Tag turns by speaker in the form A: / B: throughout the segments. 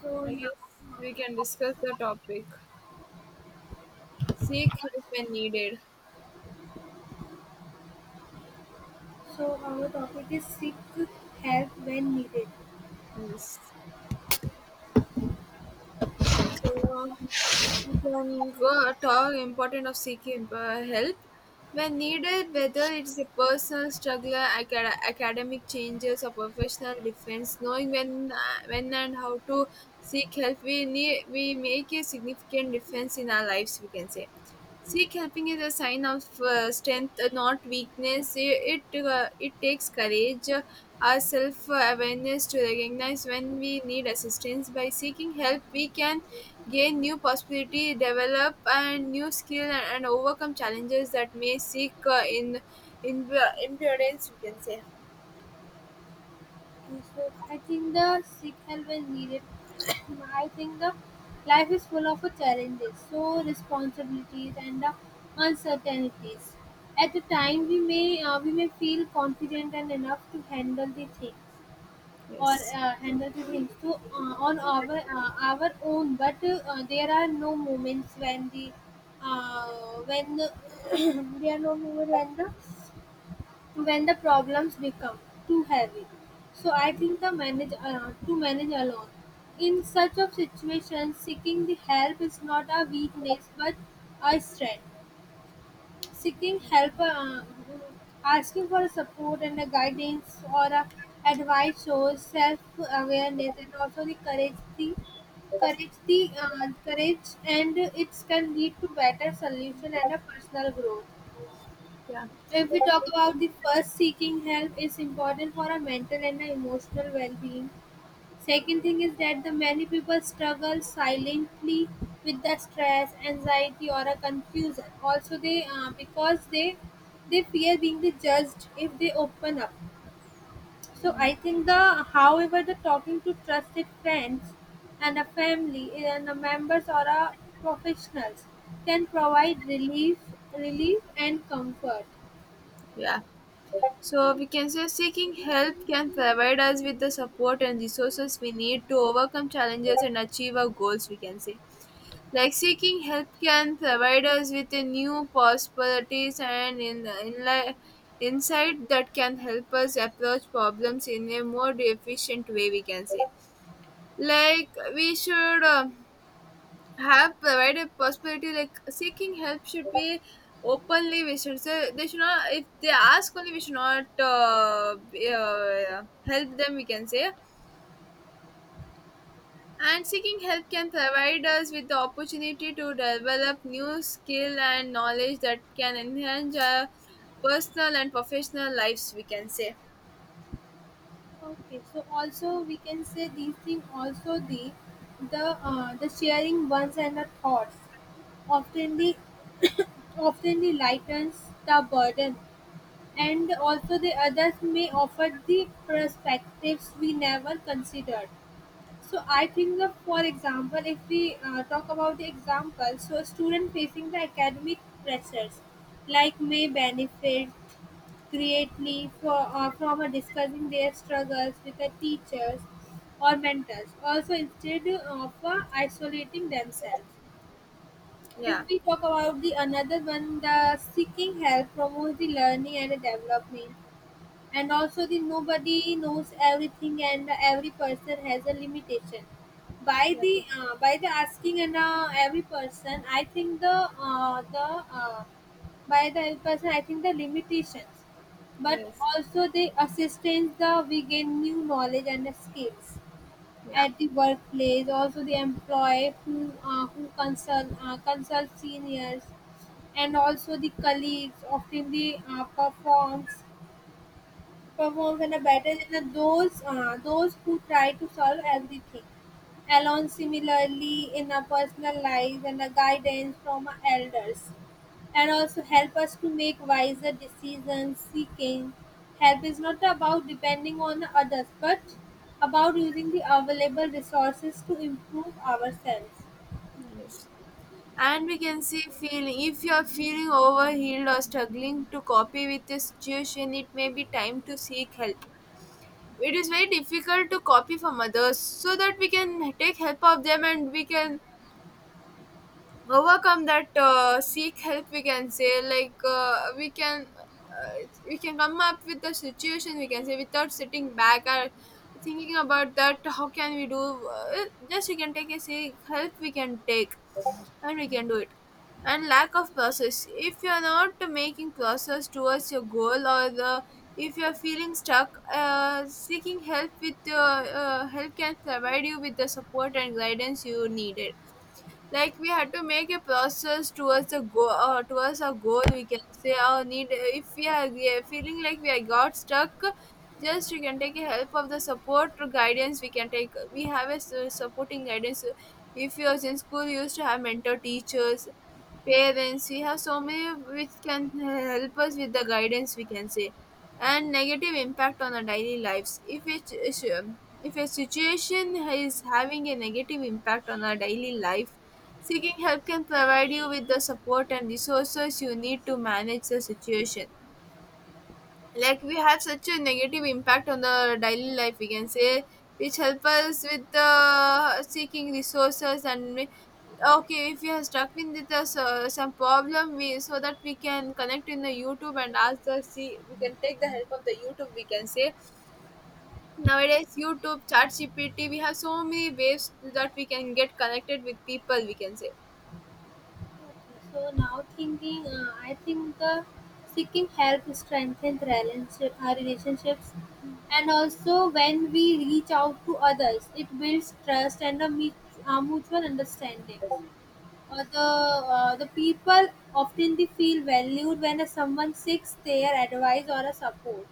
A: So
B: I
A: now,
B: guess we can discuss the topic. Seek help when needed.
A: so our topic is seek help when needed.
B: Yes. So uh, we can go talk important of seeking help when needed, whether it's a personal struggle, academic changes, or professional defense. Knowing when and how to seek help, we make a significant difference in our lives. We can say. Seek helping is a sign of strength, not weakness. It takes courage, our self awareness to recognize when we need assistance. By seeking help, we can gain new possibility, develop and new skill and overcome challenges that may seek in impudence, we can say.
A: Okay, so I think the seek help when needed. I think the life is full of challenges, so responsibilities and the uncertainties. At the time, we may feel confident and enough to handle the things or
B: Yes.
A: handle the things to on our own. But there are no moments when the when there are no moments when the problems become too heavy. So I think the manage to manage alone. In such of situations, seeking the help is not a weakness but a strength. Seeking help, asking for support and a guidance or a advice shows self-awareness and also the courage. The courage, and it can lead to better solution and a personal growth.
B: Yeah.
A: If we talk about the first, seeking help is important for our mental and our emotional well-being. Second thing is that the many people struggle silently with the stress, anxiety, or a confusion. Also, they because they fear being the judged if they open up. So I think the however the talking to trusted friends and a family and a members or a professionals can provide relief and comfort.
B: Yeah. So we can say seeking help can provide us with the support and resources we need to overcome challenges and achieve our goals, we can say. Like seeking help can provide us with a new possibilities and in insight that can help us approach problems in a more efficient way we can say, like we should have provided possibility like seeking help should be openly, we should say they should not if they ask only we should not help them we can say. And seeking help can provide us with the opportunity to develop new skill and knowledge that can enhance our personal and professional lives, we can say.
A: Okay, so also we can say these things also the the sharing ones and the thoughts often the often the lightens the burden and also the others may offer the perspectives we never considered. So I think that for example, if we talk about the example, so a student facing the academic pressures like may benefit creatively, from discussing their struggles with the teachers or mentors also instead of isolating themselves. If
B: Yeah.
A: we talk about the another one, the seeking help promotes the learning and development, and also the nobody knows everything and every person has a limitation
B: Yeah.
A: by the asking and every person I think the uh, by the every person I think the limitations but
B: Yes.
A: also the assistance the we gain new knowledge and the skills.
B: Yeah.
A: At the workplace also, the employee who consult seniors and also the colleagues often the performs performs and are better than those who try to solve everything alone. Similarly, in our personal lives and the guidance from our elders, and also help us to make wiser decisions. Seeking help is not about depending on others, but about using the available resources to improve ourselves.
B: Yes. And we can see feeling, if you are feeling overwhelmed or struggling to copy with the situation, it may be time to seek help. It is very difficult to copy from others so that we can take help of them and we can overcome that seek help we can say, like we can come up with the situation we can say without sitting back or thinking about that how can we do, just we can take a seek help we can take and we can do it. And lack of process, if you're not making process towards your goal or the, if you're feeling stuck, seeking help with your help can provide you with the support and guidance you needed. Like we had to make a process towards a goal, towards a goal we can say, or need if we are feeling like we are got stuck, just you can take a help of the support or guidance we can take, we have a supporting guidance. If you was in school you used to have mentor teachers, parents, we have so many which can help us with the guidance we can say. And negative impact on our daily lives if it, if a situation is having a negative impact on our daily life, seeking help can provide you with the support and resources you need to manage the situation. Like we have such a negative impact on the daily life, we can say, which help us with the seeking resources and okay if we are stuck in with the, some problem we, so that we can connect in the YouTube and ask the see we can take the help of the YouTube we can say. Nowadays YouTube, chat GPT, we have so many ways that we can get connected with people we can say.
A: So now thinking, I think the seeking help strengthens our relationships, and also when we reach out to others, it builds trust and a mutual understanding. Uh, the the people often they feel valued when someone seeks their advice or a support.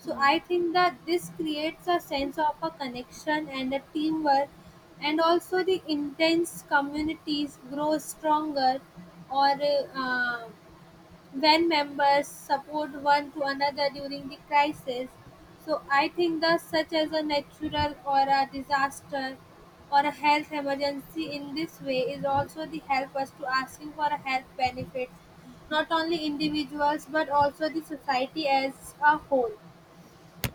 A: So I think that this creates a sense of a connection and a teamwork, and also the intense communities grow stronger, or uh, when members support one to another during the crisis. So I think that such as a natural or a disaster or a health emergency in this way is also the help us to asking for a health benefits, not only individuals but also the society as a whole.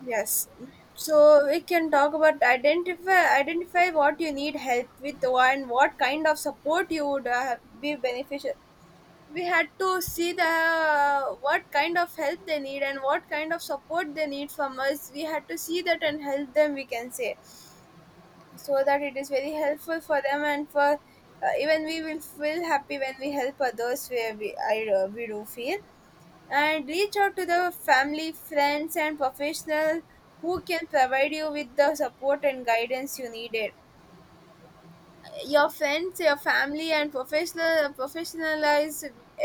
B: Yes. So we can talk about identify what you need help with and what kind of support you would be beneficial. We had to see the what kind of help they need and what kind of support they need from us. We had to see that and help them. We can say so that it is very helpful for them and for, even we will feel happy when we help others where we do feel. And reach out to the family friends and professional who can provide you with the support and guidance you needed, your friends, your family, and professional professionalize.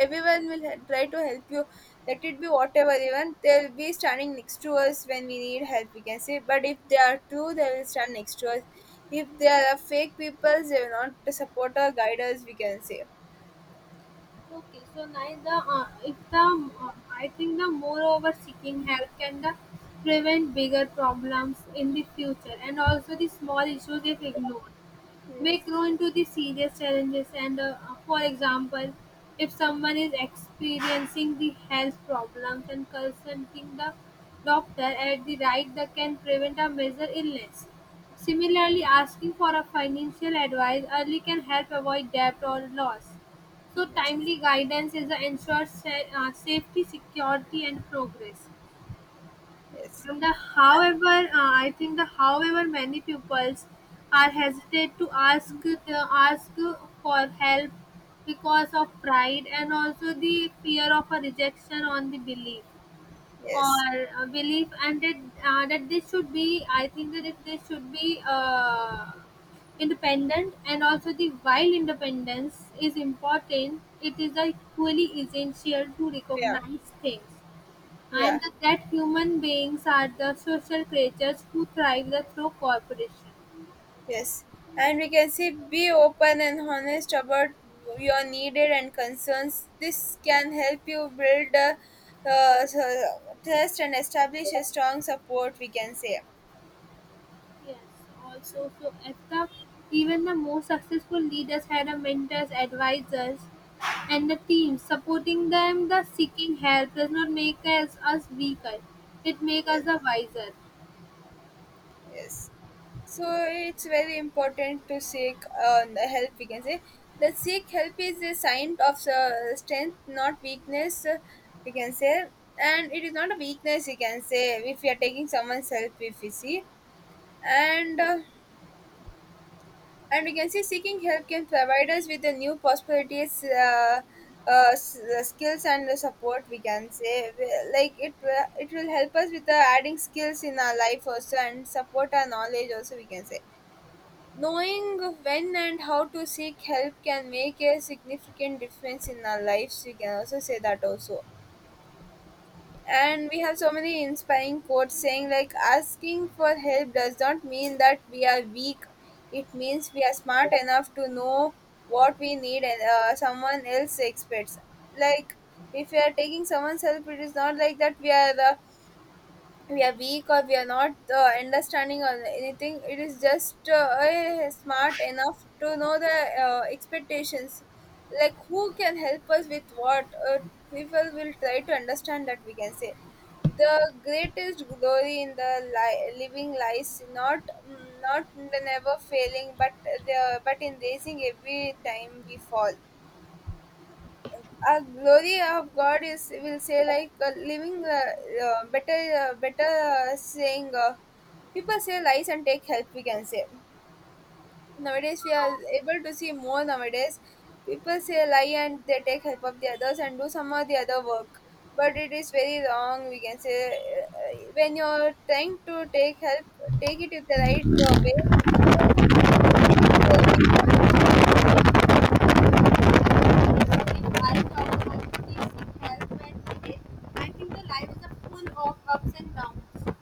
B: Everyone will try to help you. Let it be whatever. Even they'll be standing next to us when we need help. We can say, but if they are true, they will stand next to us. If they are fake people, they will not support or guide us. We can say,
A: Okay, so neither if the I think the moreover seeking help can the prevent bigger problems in the future, and also the small issues if ignored may
B: yes,
A: grow into the serious challenges, and for example, if someone is experiencing the health problems and consulting the doctor at the right, that can prevent a major illness. Similarly, asking for a financial advice early can help avoid debt or loss. So
B: yes,
A: timely guidance is the ensured safety security and progress.
B: yes,
A: And the however, I think the however many pupils are hesitate to ask for help because of pride and also the fear of a rejection on the belief,
B: yes.
A: or belief, and that that this should be. I think that if this should be independent, and also the while independence is important, it is equally essential to
B: Yeah,
A: recognize things
B: yeah.
A: and that human beings are the social creatures who thrive the through cooperation.
B: Yes, and we can say be open and honest about your needed and concerns. This can help you build a, uh, trust and establish a strong support. We can say
A: Yes, also so at the even the most successful leaders had a mentors, advisors, and the team supporting them. The seeking help does not make us us weaker; it makes us a wiser.
B: yes. So it's very important to seek the help. We can say that seek help is a sign of strength, not weakness. We can say, and it is not a weakness. We can say if we are taking someone's help, if we see, and uh, and we can say seeking help can provide us with the new possibilities skills and the support we can say. Like it will help us with the adding skills in our life also and support our knowledge also we can say. Knowing when and how to seek help can make a significant difference in our lives we can also say that also. And we have so many inspiring quotes saying like asking for help does not mean that we are weak, it means we are smart enough to know what we need and someone else expects. Like if we are taking someone's help it is not like that we are we are weak or we are not understanding or anything, it is just smart enough to know the expectations, like who can help us with what, uh, people will try to understand that we can say. The greatest glory in the living lies not, not in the never failing but the but in raising every time we fall. Glory of God is, will say like living the uh, better better, saying people say lies and take help we can say. Nowadays we are able to see more, nowadays people say lie and they take help of the others and do some of the other work, but it is very wrong we can say. When you're trying to take help, take it in the right way, so everything will be fine we can say.
A: In life, our we seek help when needed. I think the life is a full of ups and downs.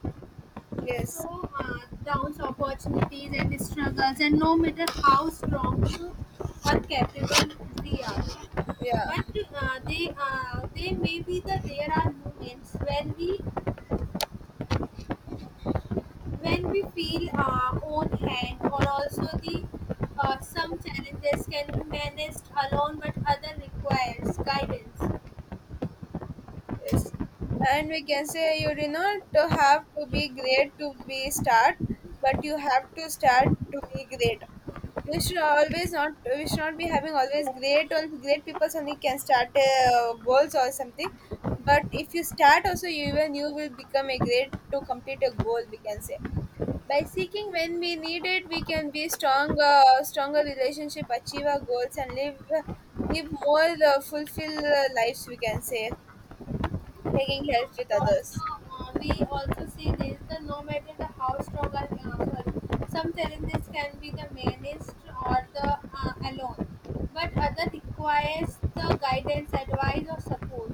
B: Yes,
A: So are Down's opportunities and struggles, and no matter how strong you or capable we are,
B: yeah.
A: but they may be that there are moments when we feel our own hand, or also the some challenges can be managed alone, but other requires guidance.
B: Yes. And we can say you do not to have to be great to be start, but you have to start to be great. You should always not, we should not be having always great on, great people only can start goals or something. But if you start also you even you will become a great to complete a goal we can say. By seeking when we need it, we can be stronger, stronger relationship, achieve our goals, and live more fulfilled lives. We can say taking help with
A: Also
B: others,
A: we also see this that no matter the how strong our some challenges can be the managed or the alone but other requires the guidance advice or support.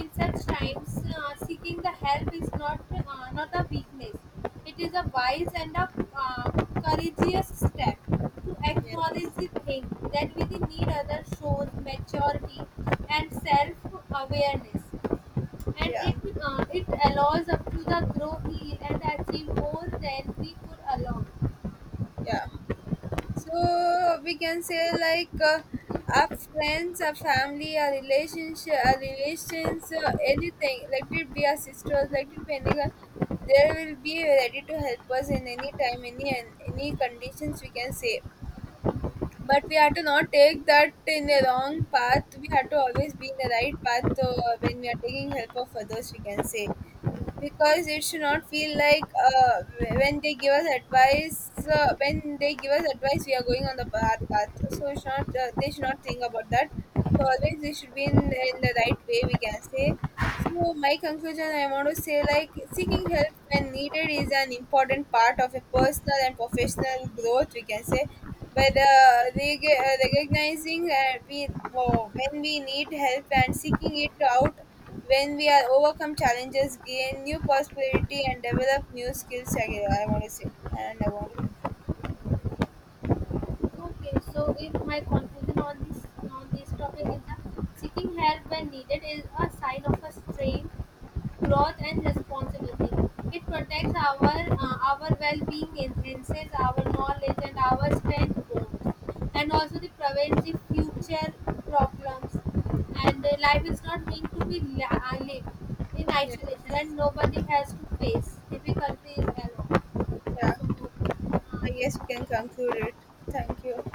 A: In such times, seeking the help is not not a weakness, it is a wise and a uh, courageous step to acknowledge
B: yes,
A: the thing that within need other shows maturity and self awareness, and
B: yeah,
A: it allows up to the Grove Hill and actually more than we could allow.
B: yeah. So we can say like our friends, our family, our relationship, our relations, anything, let it be our sisters, let it be anyone, they will be ready to help us in any time any and any conditions we can say. But we have to not take that in a wrong path, we have to always be in the right path, when we are taking help of others we can say, because it should not feel like, when they give us advice, when they give us advice we are going on the bad path, so it should not, they should not think about that. So always they should be in the right way we can say. So my conclusion, I want to say like seeking help when needed is an important part of a personal and professional growth we can say. By the recognizing, when we need help and seeking it out, when we are overcome challenges, gain new possibility, and develop new skills, again, I want to say, and I want to conclude it.
A: Okay, so if my conclusion on this topic is that seeking help when needed is a sign of a strength growth and responsibility. It protects our well-being, enhances our knowledge and our strength bonds, and also the prevents the future problems. And life is not meant to be lived in isolation,
B: Yes.
A: and nobody has to face difficulties alone.
B: Yeah, I
A: So,
B: guess we can conclude it. Thank you.